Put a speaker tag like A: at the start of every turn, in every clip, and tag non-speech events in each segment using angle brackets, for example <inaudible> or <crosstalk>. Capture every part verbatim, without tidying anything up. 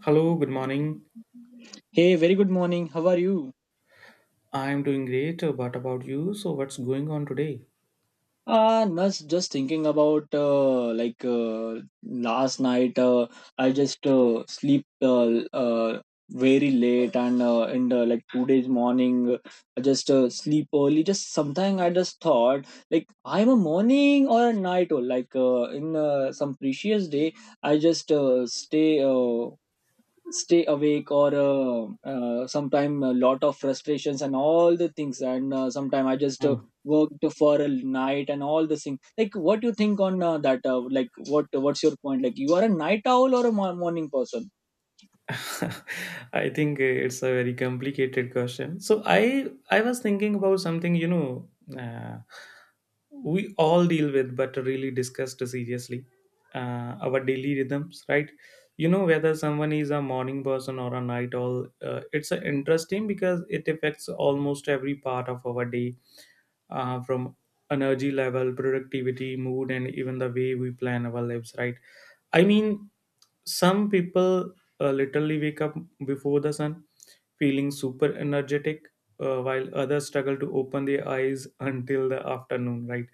A: Hello, good morning.
B: Hey, very good morning. How are you?
A: I'm doing great. What about you? So, what's going on today?
B: Uh, Nas, just thinking about uh, like uh, last night. Uh, I just uh, sleep uh, uh, very late, and uh, in the like today's morning, I just uh, sleep early. Just sometime I just thought like I'm a morning or a night owl. Like uh, in uh, some precious day, I just uh, stay. Uh, stay awake or uh, uh, sometime a lot of frustrations and all the things, and uh, sometime I just uh,
A: Hmm.
B: worked for a night and all the things. Like what do you think on uh, that, uh, like what what's your point, like you are a night owl or a mo- morning person?
A: <laughs> I think it's a very complicated question. So I I was thinking about something you know uh, we all deal with, but really discussed seriously. Uh, our daily rhythms, right? You know, whether someone is a morning person or a night owl. Uh, it's uh, interesting because it affects almost every part of our day, uh, from energy level, productivity, mood, and even the way we plan our lives, right? I mean, some people uh, literally wake up before the sun, feeling super energetic, uh, while others struggle to open their eyes until the afternoon, right?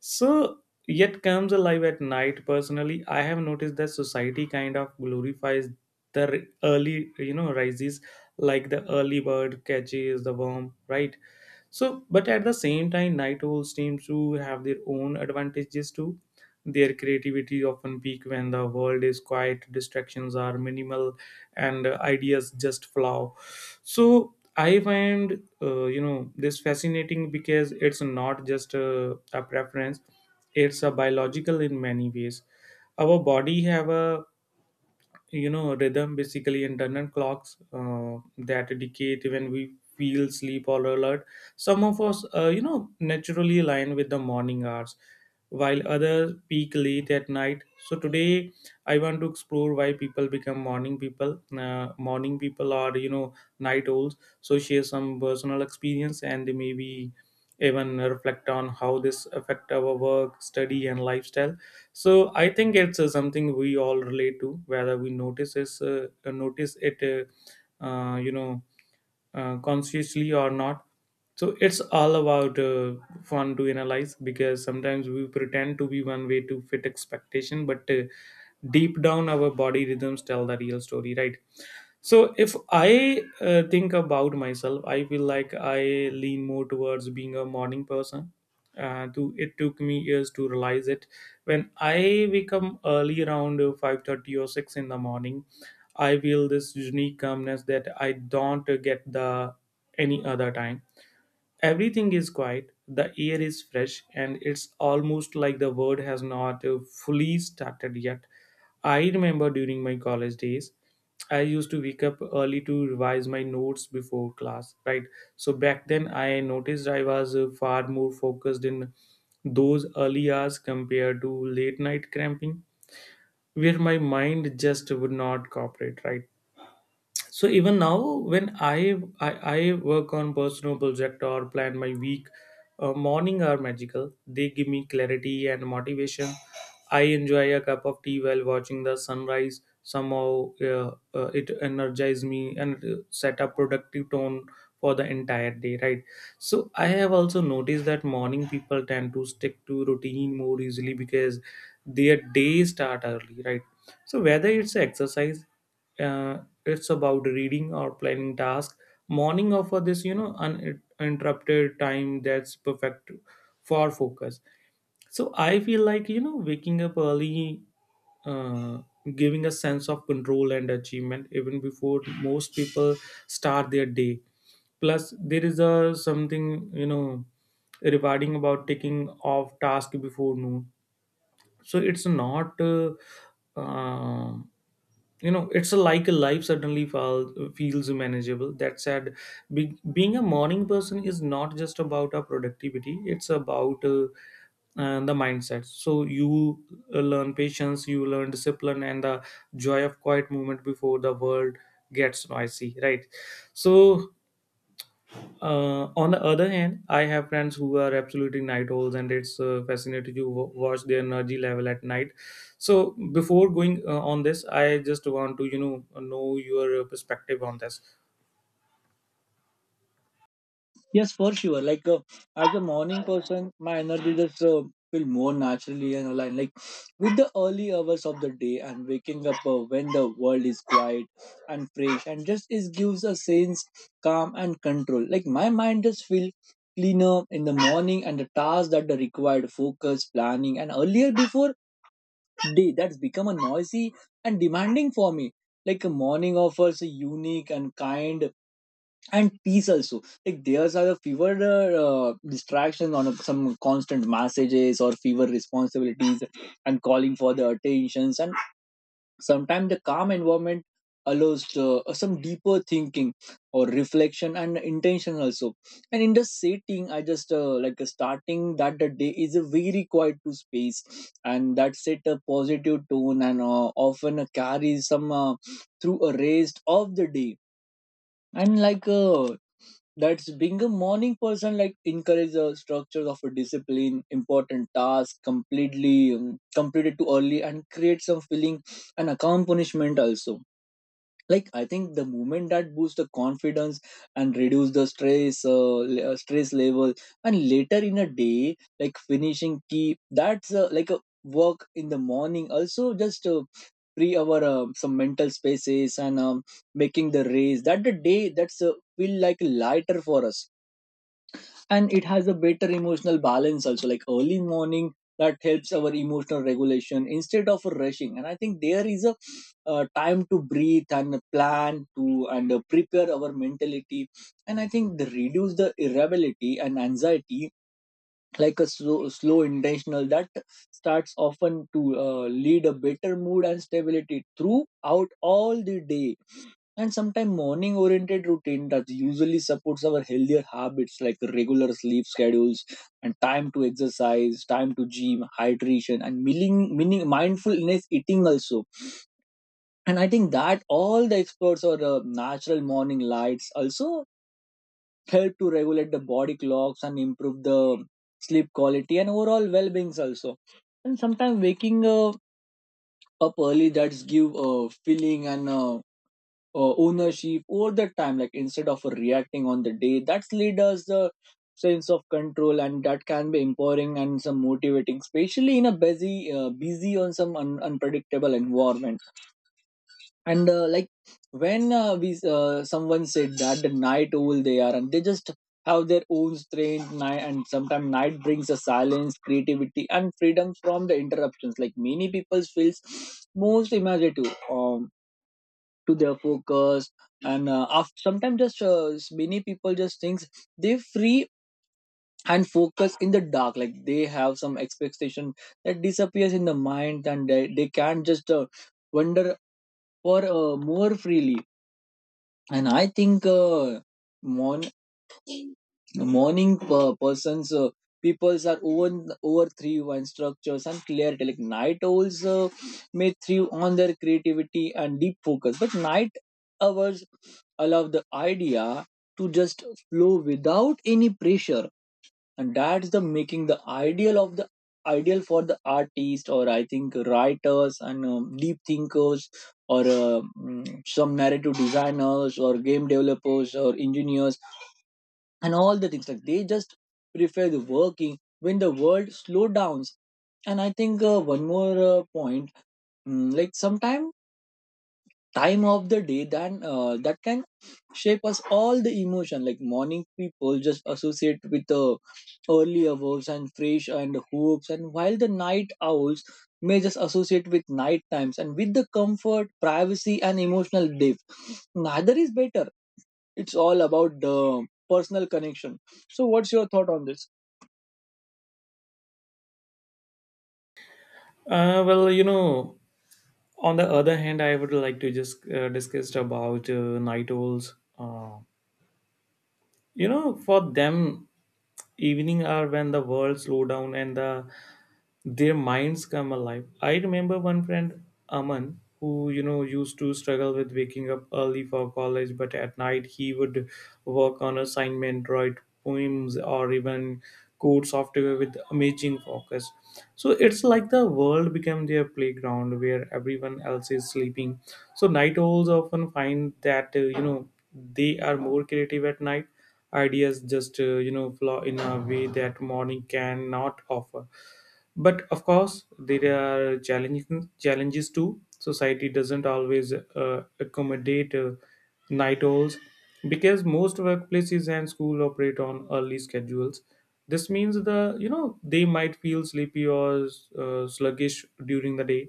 A: So, yet comes alive at night. Personally, I have noticed that society kind of glorifies the r- early, you know, rises, like the early bird catches the worm, right? So, but at the same time, night owls seems to have their own advantages too. Their creativity often peak when the world is quiet, distractions are minimal, and uh, ideas just flow. So I find uh, you know this fascinating because it's not just a, a preference; it's a biological in many ways. Our body have a you know rhythm, basically internal clocks uh, that indicate when we feel sleep or alert. Some of us uh, you know naturally align with the morning hours, while others peak late at night. So today, I want to explore why people become morning people, uh, morning people are, you know, night owls, so share some personal experience and maybe even reflect on how this affect our work, study and lifestyle. So I think it's uh, something we all relate to, whether we notice is uh, uh, notice it, uh, uh, you know uh, consciously or not. So it's all about uh, fun to analyze, because sometimes we pretend to be one way to fit expectation, but uh, deep down our body rhythms tell the real story, right? So if I uh, think about myself, I feel like I lean more towards being a morning person. Uh, to it took me years to realize it. When I wake up early around five thirty or six in the morning, I feel this unique calmness that I don't get the any other time. Everything is quiet, the air is fresh, and it's almost like the world has not uh, fully started yet. I remember during my college days, I used to wake up early to revise my notes before class, right? So back then, I noticed I was uh, far more focused in those early hours compared to late night cramping, where my mind just would not cooperate, right? So even now when I, I i work on personal project or plan my week, uh, morning are magical. They give me clarity and motivation. I enjoy a cup of tea while watching the sunrise. Somehow uh, uh, it energizes me and uh, set a productive tone for the entire day, right? So I have also noticed that morning people tend to stick to routine more easily because their day start early, right? So whether it's exercise, uh, it's about reading or planning tasks. Morning offer this, you know, uninterrupted time that's perfect for focus. So I feel like, you know, waking up early, uh, giving a sense of control and achievement even before most people start their day. Plus there is a something, you know, rewarding about taking off task before noon. So it's not. Uh, um you know, it's a, like a life suddenly fall, feels manageable. That said, be, being a morning person is not just about our productivity, it's about uh, uh, the mindset. So you uh, learn patience, you learn discipline and the joy of quiet movement before the world gets noisy, right? So uh, on the other hand, I have friends who are absolutely night owls, and it's uh, fascinating to wa- watch their energy level at night. So, before going uh, on this, I just want to you know know your perspective on this.
B: Yes, for sure. Like uh, as a morning person, my energy just uh, feel more naturally and aligned. Like with the early hours of the day, and waking up uh, when the world is quiet and fresh, and just it gives a sense calm and control. Like my mind just feel cleaner in the morning, and the tasks that are required focus, planning, and earlier before day that's become a noisy and demanding for me. Like a morning offers a unique and kind and peace also, like there's are the fewer uh, uh, distractions on a, some constant messages or fewer responsibilities and calling for the attentions, and sometimes the calm environment allows uh, some deeper thinking or reflection and intention also. And in the setting I just uh, like uh, starting that the day is a very quiet to space, and that set a positive tone and uh, often carries some uh, through a rest of the day. And like uh, that's being a morning person, like encourage a structure of a discipline important task completely um, completed too early and create some feeling and accomplishment also. Like I think the movement that boosts the confidence and reduce the stress uh, le- uh, stress level and later in a day, like finishing key that's uh, like a work in the morning also just uh, free our uh, some mental spaces, and um, making the race that the day that's uh, feel like lighter for us. And it has a better emotional balance also, like early morning that helps our emotional regulation instead of rushing, and I think there is a uh, time to breathe and plan to and uh, prepare our mentality. And I think the reduce the irritability and anxiety, like a slow, slow intentional that starts often to uh, lead a better mood and stability throughout all the day. And sometimes morning oriented routine that usually supports our healthier habits, like regular sleep schedules and time to exercise, time to gym, hydration and meaning, meaning mindfulness eating also. And I think that all the experts or uh, natural morning lights also help to regulate the body clocks and improve the sleep quality and overall well-beings also. And sometimes waking uh, up early that's give a feeling and uh, uh, ownership over the time, like instead of reacting on the day that's lead us the sense of control, and that can be empowering and some motivating, especially in a busy uh, busy on some un- unpredictable environment. And uh, like when uh, we uh, someone said that the night owl they are, and they just have their own strange night, and sometimes night brings a silence creativity and freedom from the interruptions, like many people feels most imaginative um to their focus. And uh, after, sometimes just uh, many people just thinks they free and focus in the dark, like they have some expectation that disappears in the mind, and they, they can't just uh, wonder for uh, more freely. And I think uh, morn- morning per- persons uh, peoples are over over three one structures and clarity. Like night owls uh, may thrive on their creativity and deep focus, but night hours allow the idea to just flow without any pressure, and that's the making the ideal of the ideal for the artist, or I think writers, and um, deep thinkers, or uh, mm, some narrative designers or game developers or engineers and all the things, like they just prefer the working when the world slow downs. And I think uh, one more uh, point, mm, like sometimes time of the day that uh, that can shape us all the emotion, like morning people just associate with the early hours and fresh and hopes, and while the night owls may just associate with night times and with the comfort privacy and emotional depth. Neither is better, it's all about the personal connection. So what's your thought on this?
A: Uh, well, you know, on the other hand, I would like to just uh, discuss about uh, night owls. Uh, you know, for them, evening are when the world slow down and the their minds come alive. I remember one friend, Aman, who you know used to struggle with waking up early for college, but at night he would work on assignment, write poems, or even code software with amazing focus. So it's like the world became their playground where everyone else is sleeping. So night owls often find that uh, you know they are more creative at night. Ideas just uh, you know flow in a way that morning cannot offer. But of course there are challenging challenges too. Society doesn't always uh, accommodate uh, night owls, because most workplaces and school operate on early schedules. This means the, you know, they might feel sleepy or uh, sluggish during the day,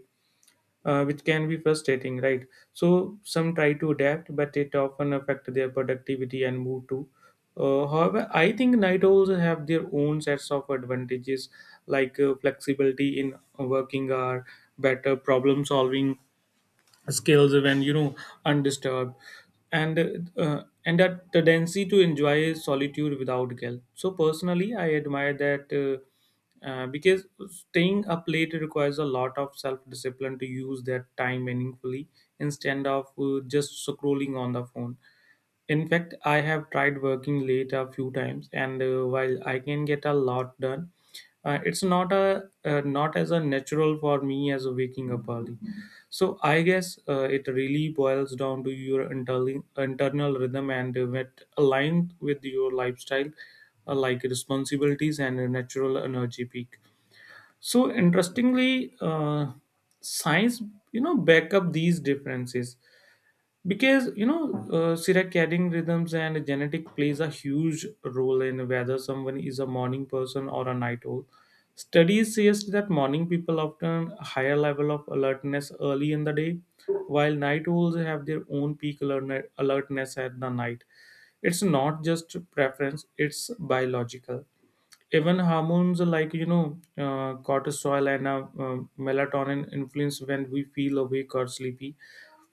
A: uh, which can be frustrating, right? So some try to adapt, but it often affect their productivity and mood too. Uh, however, I think night owls have their own sets of advantages, like uh, flexibility in working hour, better problem solving skills when, you know, undisturbed, and uh, and that tendency to enjoy solitude without guilt. So personally I admire that, uh, uh, because staying up late requires a lot of self discipline to use that time meaningfully instead of uh, just scrolling on the phone. In fact, I have tried working late a few times, and uh, while I can get a lot done, uh, it's not a uh, not as a natural for me as waking up early. So I guess uh, it really boils down to your internal internal rhythm and uh, what aligned with your lifestyle, uh, like responsibilities and a natural energy peak. So interestingly, uh, science, you know, back up these differences, because, you know, uh, circadian rhythms and genetic plays a huge role in whether someone is a morning person or a night owl. Studies suggest that morning people often higher level of alertness early in the day, while night owls have their own peak alertne- alertness at the night. It's not just preference, it's biological. Even hormones like, you know, uh, cortisol and uh, um, melatonin influence when we feel awake or sleepy.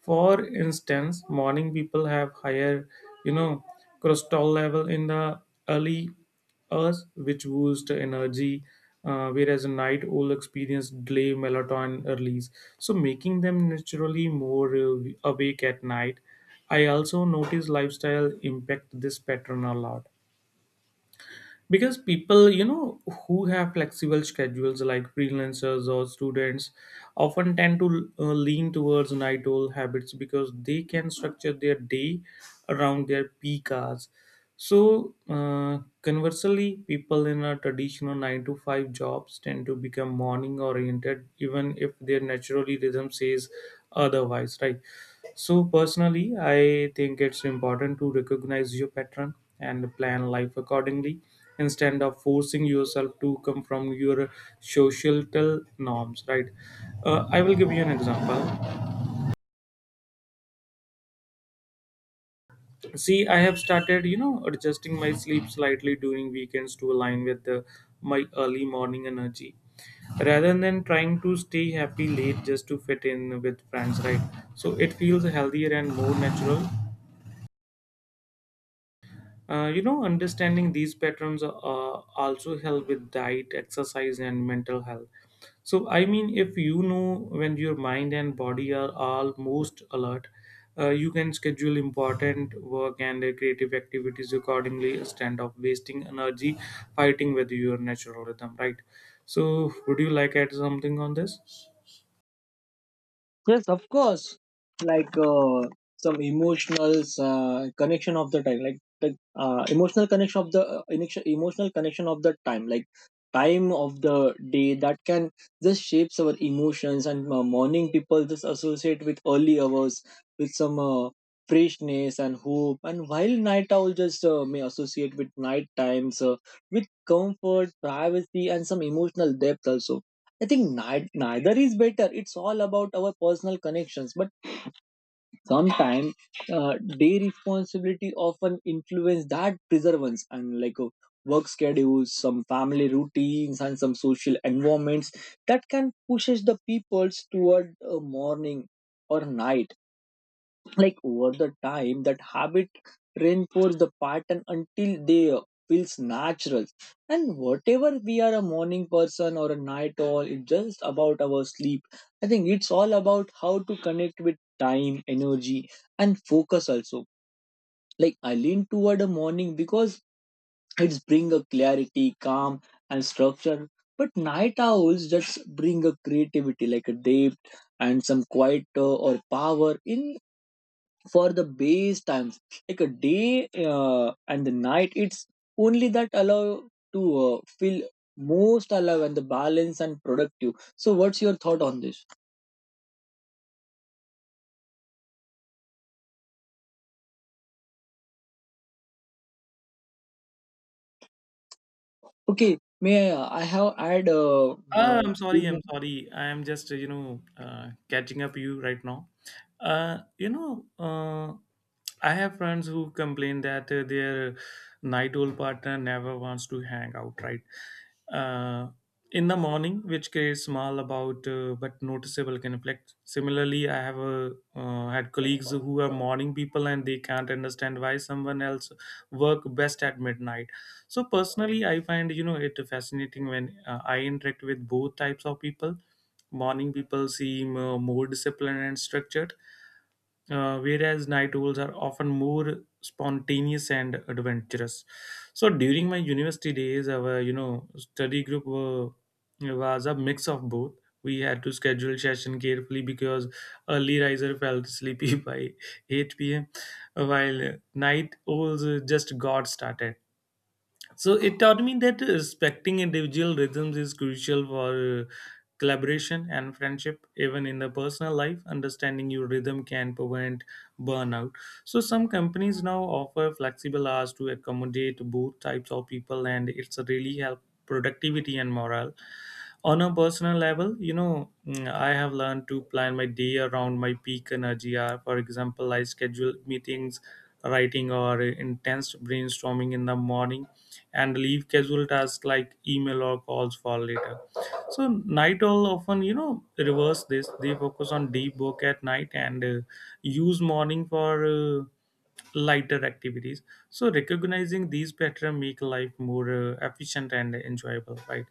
A: For instance, morning people have higher, you know, cortisol level in the early hours, which boost energy, uh, whereas night owl experience delay melatonin release, so making them naturally more uh, awake at night. I also notice lifestyle impact this pattern a lot, because people, you know, who have flexible schedules like freelancers or students, often tend to uh, lean towards night owl habits because they can structure their day around their peak hours. So uh, conversely, people in a traditional nine to five jobs tend to become morning oriented even if their naturally rhythm says otherwise, right? So personally, I think it's important to recognize your pattern and plan life accordingly, instead of forcing yourself to come from your societal norms, right? uh, I will give you an example. See, I have started, you know, adjusting my sleep slightly during weekends to align with the, my early morning energy, rather than trying to stay happy late just to fit in with friends, right? So it feels healthier and more natural. Uh, you know, understanding these patterns uh, also help with diet, exercise, and mental health. So, I mean, if you know when your mind and body are all most alert, uh, you can schedule important work and uh, creative activities accordingly instead of wasting energy fighting with your natural rhythm, right? So, would you like add something on this?
B: Yes, of course. Like uh, some emotional uh, connection of the time, like the uh, emotional connection of the uh, initio- emotional connection of the time, like time of the day that can just shapes our emotions. And uh, morning people just associate with early hours, with some uh, freshness and hope. And while night owl just uh, may associate with night times, uh, with comfort, privacy, and some emotional depth also. I think ni- neither is better. It's all about our personal connections. But sometimes, uh, day responsibility often influence that preservance, and like uh, work schedules, some family routines, and some social environments that can pushes the peoples toward uh, morning or night. Like over the time that habit reinforce the pattern until they uh, feels natural. And whatever we are a morning person or a night owl, it's just about our sleep. I think it's all about how to connect with time, energy, and focus also. Like I lean toward a morning because it's bring a clarity, calm, and structure, but night owls just bring a creativity, like a depth and some quiet uh, or power in for the base times. Like a day uh, and the night, it's only that allow to uh, feel most alive, and the balance and productive. So what's your thought on this? Okay, may i, uh, I have add uh,
A: Uh,
B: uh,
A: I'm
B: two
A: sorry. I'm
B: more-
A: sorry. I'm just uh, you know uh, catching up you right now. Uh, you know, uh, I have friends who complain that uh, their night-old partner never wants to hang out. Right. Uh, in the morning, which creates small about uh, but noticeable conflict. Similarly, I have uh, uh, had colleagues who are morning people and they can't understand why someone else work best at midnight. So personally I find, you know, it fascinating when uh, I interact with both types of people. Morning people seem uh, more disciplined and structured, uh, whereas night owls are often more spontaneous and adventurous. So during my university days our, you know, study group were, was a mix of both. We had to schedule session carefully because early riser felt sleepy <laughs> by eight p m p.m while night owls uh, just got started. So it taught me that respecting individual rhythms is crucial for uh, collaboration and friendship, even in the personal life. Understanding your rhythm can prevent burnout. So some companies now offer flexible hours to accommodate both types of people, and it's really help productivity and morale. On a personal level, you know, mm, I have learned to plan my day around my peak energy hour. For example, I schedule meetings, writing, or intense brainstorming in the morning and leave casual tasks like email or calls for later. So night owl often, you know, reverse this. They focus on deep work at night and uh, use morning for uh, lighter activities. So recognizing these patterns make life more uh, efficient and enjoyable, right?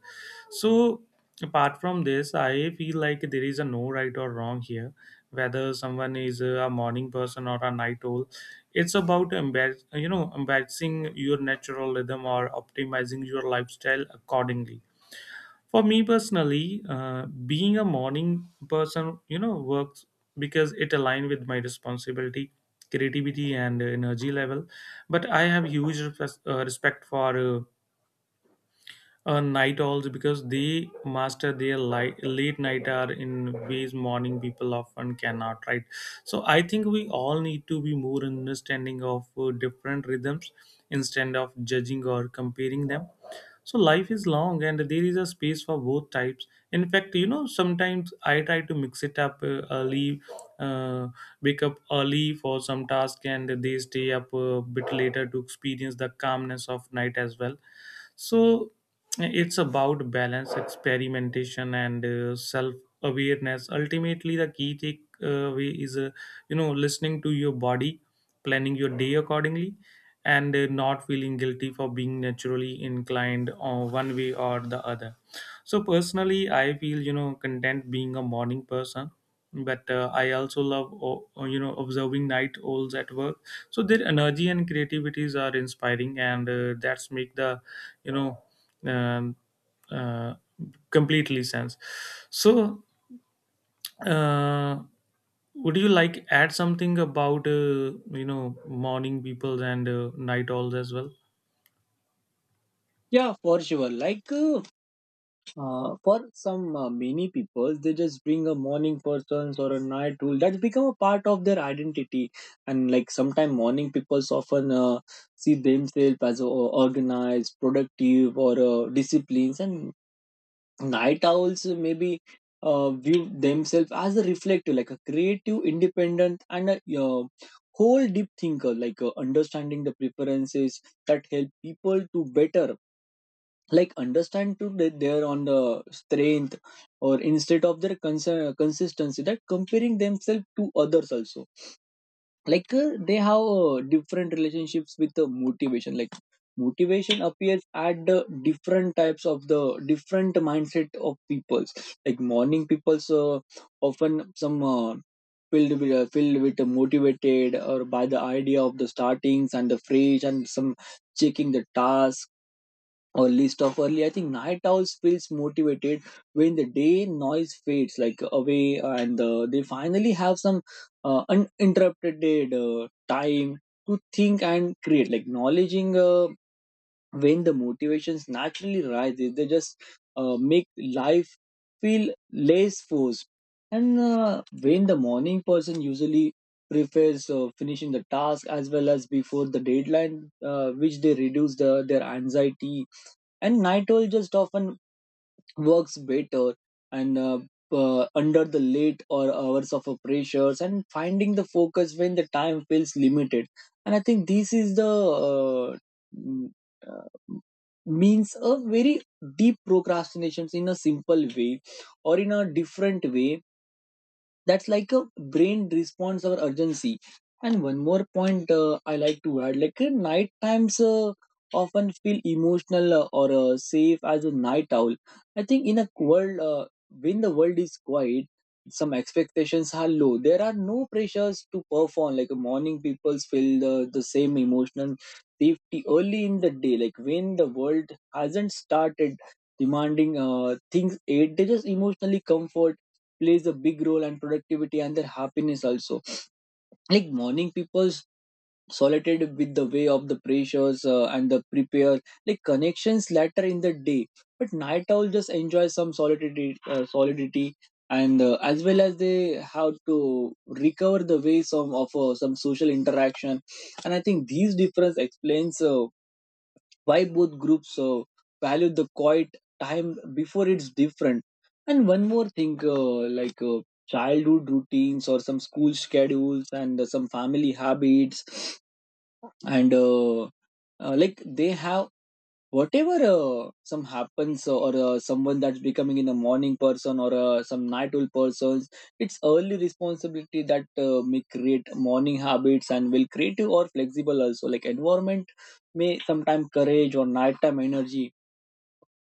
A: So apart from this, I feel like there is a no right or wrong here. Whether someone is uh, a morning person or a night owl, it's about embar- you know embracing your natural rhythm or optimizing your lifestyle accordingly. For me personally, uh, being a morning person you know works because it aligns with my responsibility, creativity and energy level. But I have huge res- uh, respect for uh, uh, night owls because they master their light, late night hour in ways morning people often cannot, right? So I think we all need to be more understanding of uh, different rhythms instead of judging or comparing them. So life is long and there is a space for both types. In fact, you know, sometimes I try to mix it up, uh, early, uh, wake up early for some task and they stay up a bit later to experience the calmness of night as well. So it's about balance, experimentation, and uh, self awareness. Ultimately, the key takeaway is, uh, you know, listening to your body, planning your day accordingly, and uh, not feeling guilty for being naturally inclined uh, one way or the other. So personally I feel you know content being a morning person, but uh, I also love o- o- you know observing night owls at work. So their energy and creativities are inspiring, and uh, that's make the you know um, uh, completely sense. So uh, would you like add something about uh, you know morning people and uh, night owls as well?
B: yeah, for sure. Like uh, Uh, for some uh, many people, they just bring a morning persons or a night rule that's become a part of their identity. And like sometimes morning people often uh, see themselves as uh, organized, productive, or uh, disciplines, and night owls maybe uh, view themselves as a reflective, like a creative, independent, and a uh, whole deep thinker. Like uh, understanding the preferences that help people to better, like understand to they- they on the strength, or instead of their cons- consistency that comparing themselves to others also. Like uh, they have uh, different relationships with the motivation. Like motivation appears at the different types of the different mindset of peoples. Like morning peoples uh, often some uh, filled with, uh, filled with uh, motivated or by the idea of the startings and the fresh and some checking the task or least of early. I think night owls feels motivated when the day noise fades like away, and uh, they finally have some uh, uninterrupted uh, time to think and create. Like acknowledging uh, when the motivations naturally rises, they just uh, make life feel less forced. And uh, when the morning person usually prefers uh, finishing the task as well as before the deadline, uh, which they reduce the, their anxiety, and night owl just often works better and uh, uh, under the late or hours of uh, pressures, and finding the focus when the time feels limited. And I think this is the uh, mm, uh, means a very deep procrastinations in a simple way or in a different way, that's like a brain response or urgency. And one more point, uh, I like to add, like uh, night times uh, often feel emotional uh, or uh, safe as a night owl. I think in a world uh, when the world is quiet, some expectations are low, there are no pressures to perform. Like uh, morning people feel the, the same emotional safety early in the day, like when the world hasn't started demanding uh, things. It they just emotionally comfort plays a big role and productivity and their happiness also. Like morning people's solitude with the way of the pressures uh, and the prepare like connections later in the day, but night owl just enjoy some solidity, uh, solidity, and uh, as well as they have to recover the ways of, of uh, some social interaction. And I think these difference explains uh, why both groups uh, value the quiet time before it's different. And one more thing, uh, like uh, childhood routines or some school schedules and uh, some family habits, and uh, uh, like they have whatever uh, some happens, or uh, someone that's becoming in a morning person or uh, some night owl persons, it's early responsibility that uh, may create morning habits, and will creative or flexible also, like environment may sometime courage or nighttime energy.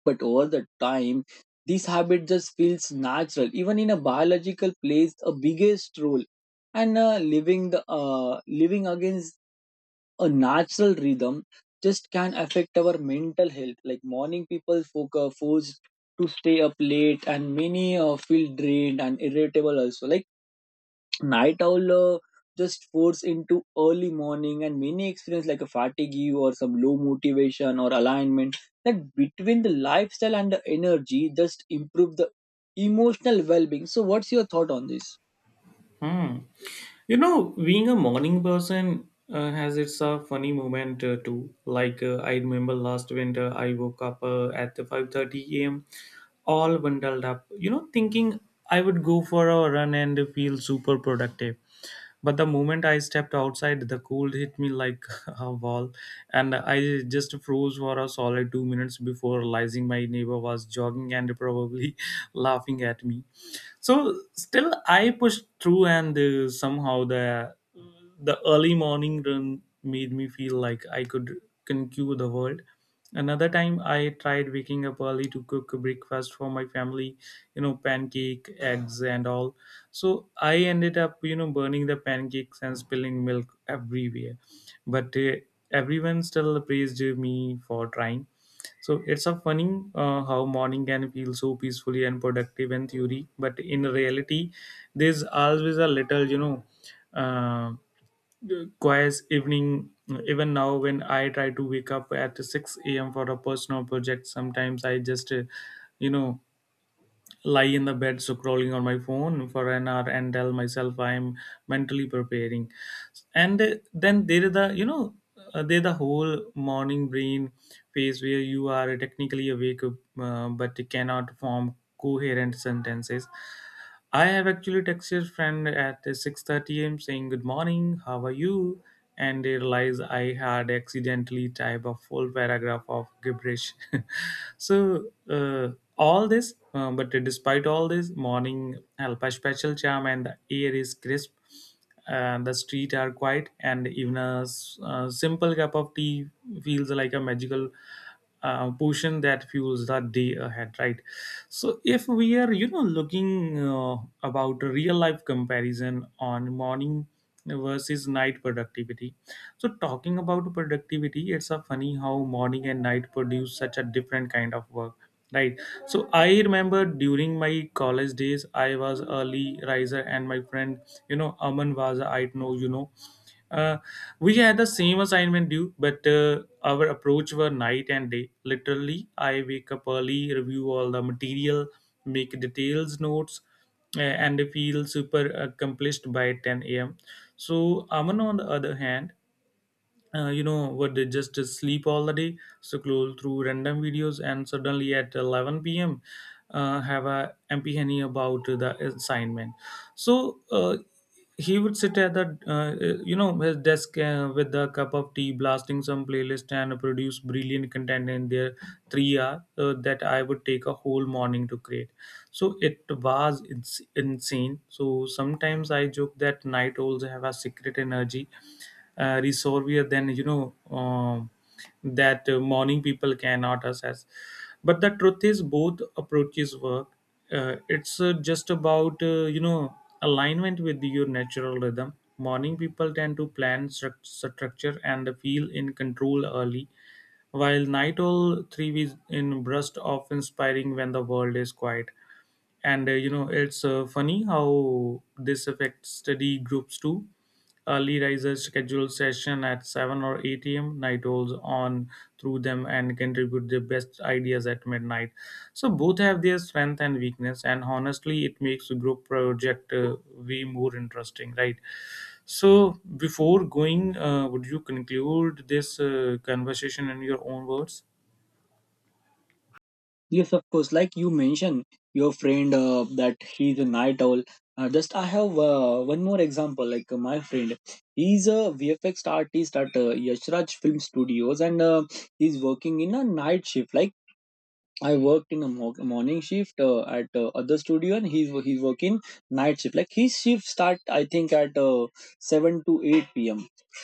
B: But over The time, this habit just feels natural, even in a biological plays a biggest role. And uh, living the uh, living against a natural rhythm just can affect our mental health. Like morning people folk are forced to stay up late, and many uh, feel drained and irritable also. Like night owl uh, just force into early morning, and many experience like a fatigue or some low motivation or alignment. That between the lifestyle and the energy just improve the emotional well-being. So what's your thought on this?
A: Hmm. You know, being a morning person uh, has its uh, funny moment uh, too. Like uh, I remember last winter, I woke up uh, at five thirty a m all bundled up. You know, thinking I would go for a run and feel super productive. But the moment I stepped outside, the cold hit me like <laughs> a wall, and I just froze for a solid two minutes before realizing my neighbor was jogging and probably <laughs> laughing at me. So still I pushed through, and uh, somehow the the early morning run made me feel like I could conquer the world. Another time I tried waking up early to cook a breakfast for my family, you know pancake, eggs and all. So I ended up you know burning the pancakes and spilling milk everywhere, but uh, everyone still praised me for trying. So it's a funny uh, how morning can feel so peacefully and productive in theory, but in reality, there's always a little, you know, uh, quiet evening. Even now, when I try to wake up at six a m for a personal project, sometimes I just, uh, you know, lie in the bed scrolling on my phone for an hour and tell myself I'm mentally preparing. And uh, then there is the you know uh, there the whole morning brain phase where you are technically awake, uh, but cannot form coherent sentences. I have actually texted friend at six thirty a m saying good morning, how are you? And they realized I had accidentally typed a full paragraph of gibberish. <laughs> So uh, all this, uh, but despite all this, morning help a special charm, and the air is crisp and the street are quiet, and even a, s- a simple cup of tea feels like a magical uh, potion that fuels the day ahead, right? So if we are you know looking uh, about a real life comparison on morning versus night productivity. So, talking about productivity, it's a funny how morning and night produce such a different kind of work, right? So, I remember during my college days, I was early riser, and my friend, you know, Aman was, I know, you know, uh, we had the same assignment due, but uh, our approach were night and day. Literally, I wake up early, review all the material, make details notes uh, and feel super accomplished by ten a m. So Aman, on the other hand, uh, you know, would they just sleep all the day, scroll through random videos, and suddenly at eleven p m. Uh, have a empty henny about the assignment. So uh, he would sit at the uh, you know his desk uh, with a cup of tea, blasting some playlist, and produce brilliant content in their three hour uh, that I would take a whole morning to create. So it was ins- insane. So sometimes I joke that night owls have a secret energy, uh, resolvier than you know um, that uh, morning people cannot assess. But the truth is both approaches work. Uh, it's uh, just about, uh, you know alignment with your natural rhythm. Morning people tend to plan struc- structure and feel in control early, while night owl three is in burst of inspiring when the world is quiet. And uh, you know it's uh, funny how this affects study groups too. Early risers schedule session at seven or eight a m. Night owls on through them and contribute their best ideas at midnight. So both have their strength and weakness, and honestly it makes a group project uh, way more interesting, right? So before going, uh, would you conclude this uh, conversation in your own words?
B: Yes, of course. Like you mentioned your friend uh, that he's a night owl. Uh, just I have uh, one more example. Like uh, my friend, he's a vfx artist at uh, yashraj film studios, and uh, he's working in a night shift. Like I worked in a mo- morning shift uh, at uh, other studio, and he's he's working night shift. Like his shift start, I think, at uh, seven to eight p m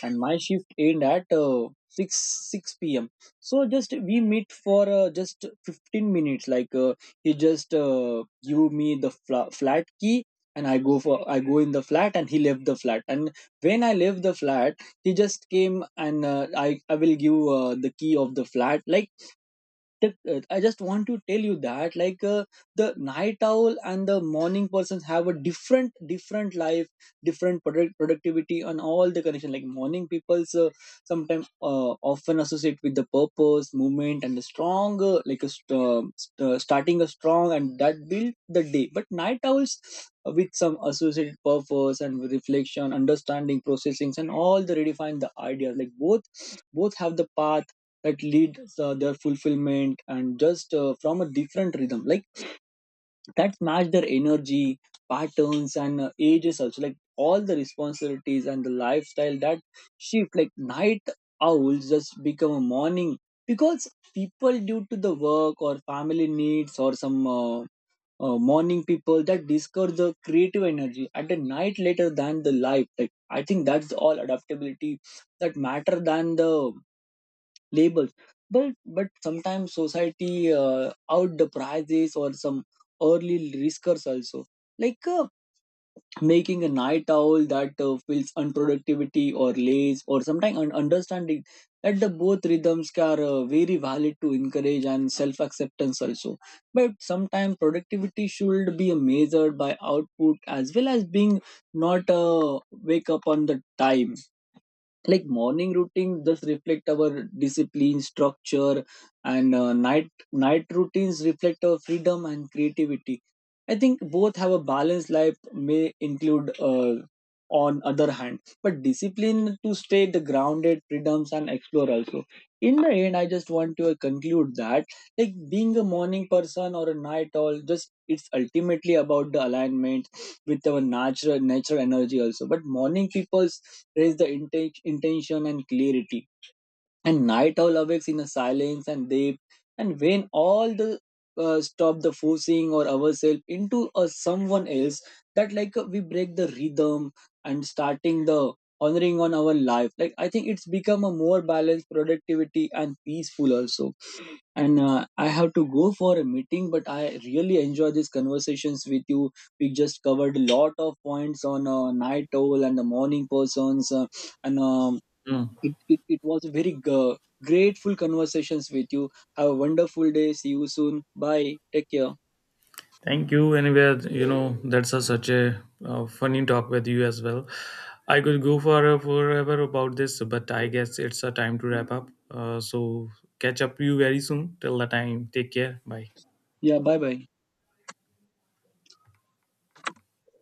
B: And my shift end at uh, six six p.m. So just we meet for uh, just fifteen minutes. Like uh, he just uh, give me the fla- flat key, and I go for I go in the flat, and he left the flat. And when I left the flat, he just came, and uh, I I will give uh, the key of the flat. Like that uh, I just want to tell you that, like, uh, the night owl and the morning persons have a different different life, different product, productivity, and all the connection. Like morning people's uh, sometimes uh, often associate with the purpose movement and a strong, uh, like a st- uh, st- uh, starting a strong and that build the day. But night owls uh, with some associated purpose and reflection, understanding processings, and all the redefine the idea. Like both both have the path that leads uh, their fulfillment and just uh, from a different rhythm, like that match their energy patterns and uh, ages also. Like all the responsibilities and the lifestyle that shift, like night owls just become a morning, because people due to the work or family needs or some uh, uh, morning people that discard the creative energy at the night later than the life. Like I think that's all adaptability that matter than the labels. But but sometimes society uh, out the prizes or some early riskers also, like uh, making a night owl that uh, feels unproductivity or lazy, or sometimes un- understanding that the both rhythms are uh, very valid to encourage and self acceptance also. But sometimes productivity should be measured by output as well as being, not uh, wake up on the time. Like morning routine does reflect our discipline structure, and uh, night night routines reflect our freedom and creativity. I think both have a balanced life, may include uh, on other hand, but discipline to stay the grounded freedoms and explore also. In the end, I just want to uh, conclude that, like, being a morning person or a night owl, just it's ultimately about the alignment with our natural natural energy also. But morning peoples raise the inten- intention and clarity, and night owl awakes in a silence and deep. And when all the uh, stop the forcing or ourselves into a someone else, that like uh, we break the rhythm and starting the honoring on our life. Like I think it's become a more balanced productivity and peaceful also. And uh, I have to go for a meeting, but I really enjoy these conversations with you. We just covered a lot of points on uh, night owl and the morning persons, uh, and um, it, it, it was a very g- grateful conversations with you. Have a wonderful day. See you soon. Bye, take care.
A: Thank you. Anyway, you know, that's a, such a uh, funny talk with you as well. I could go for forever about this, but I guess it's a time to wrap up. Uh, so catch up you very soon. Till the time, take care. Bye.
B: Yeah, bye bye.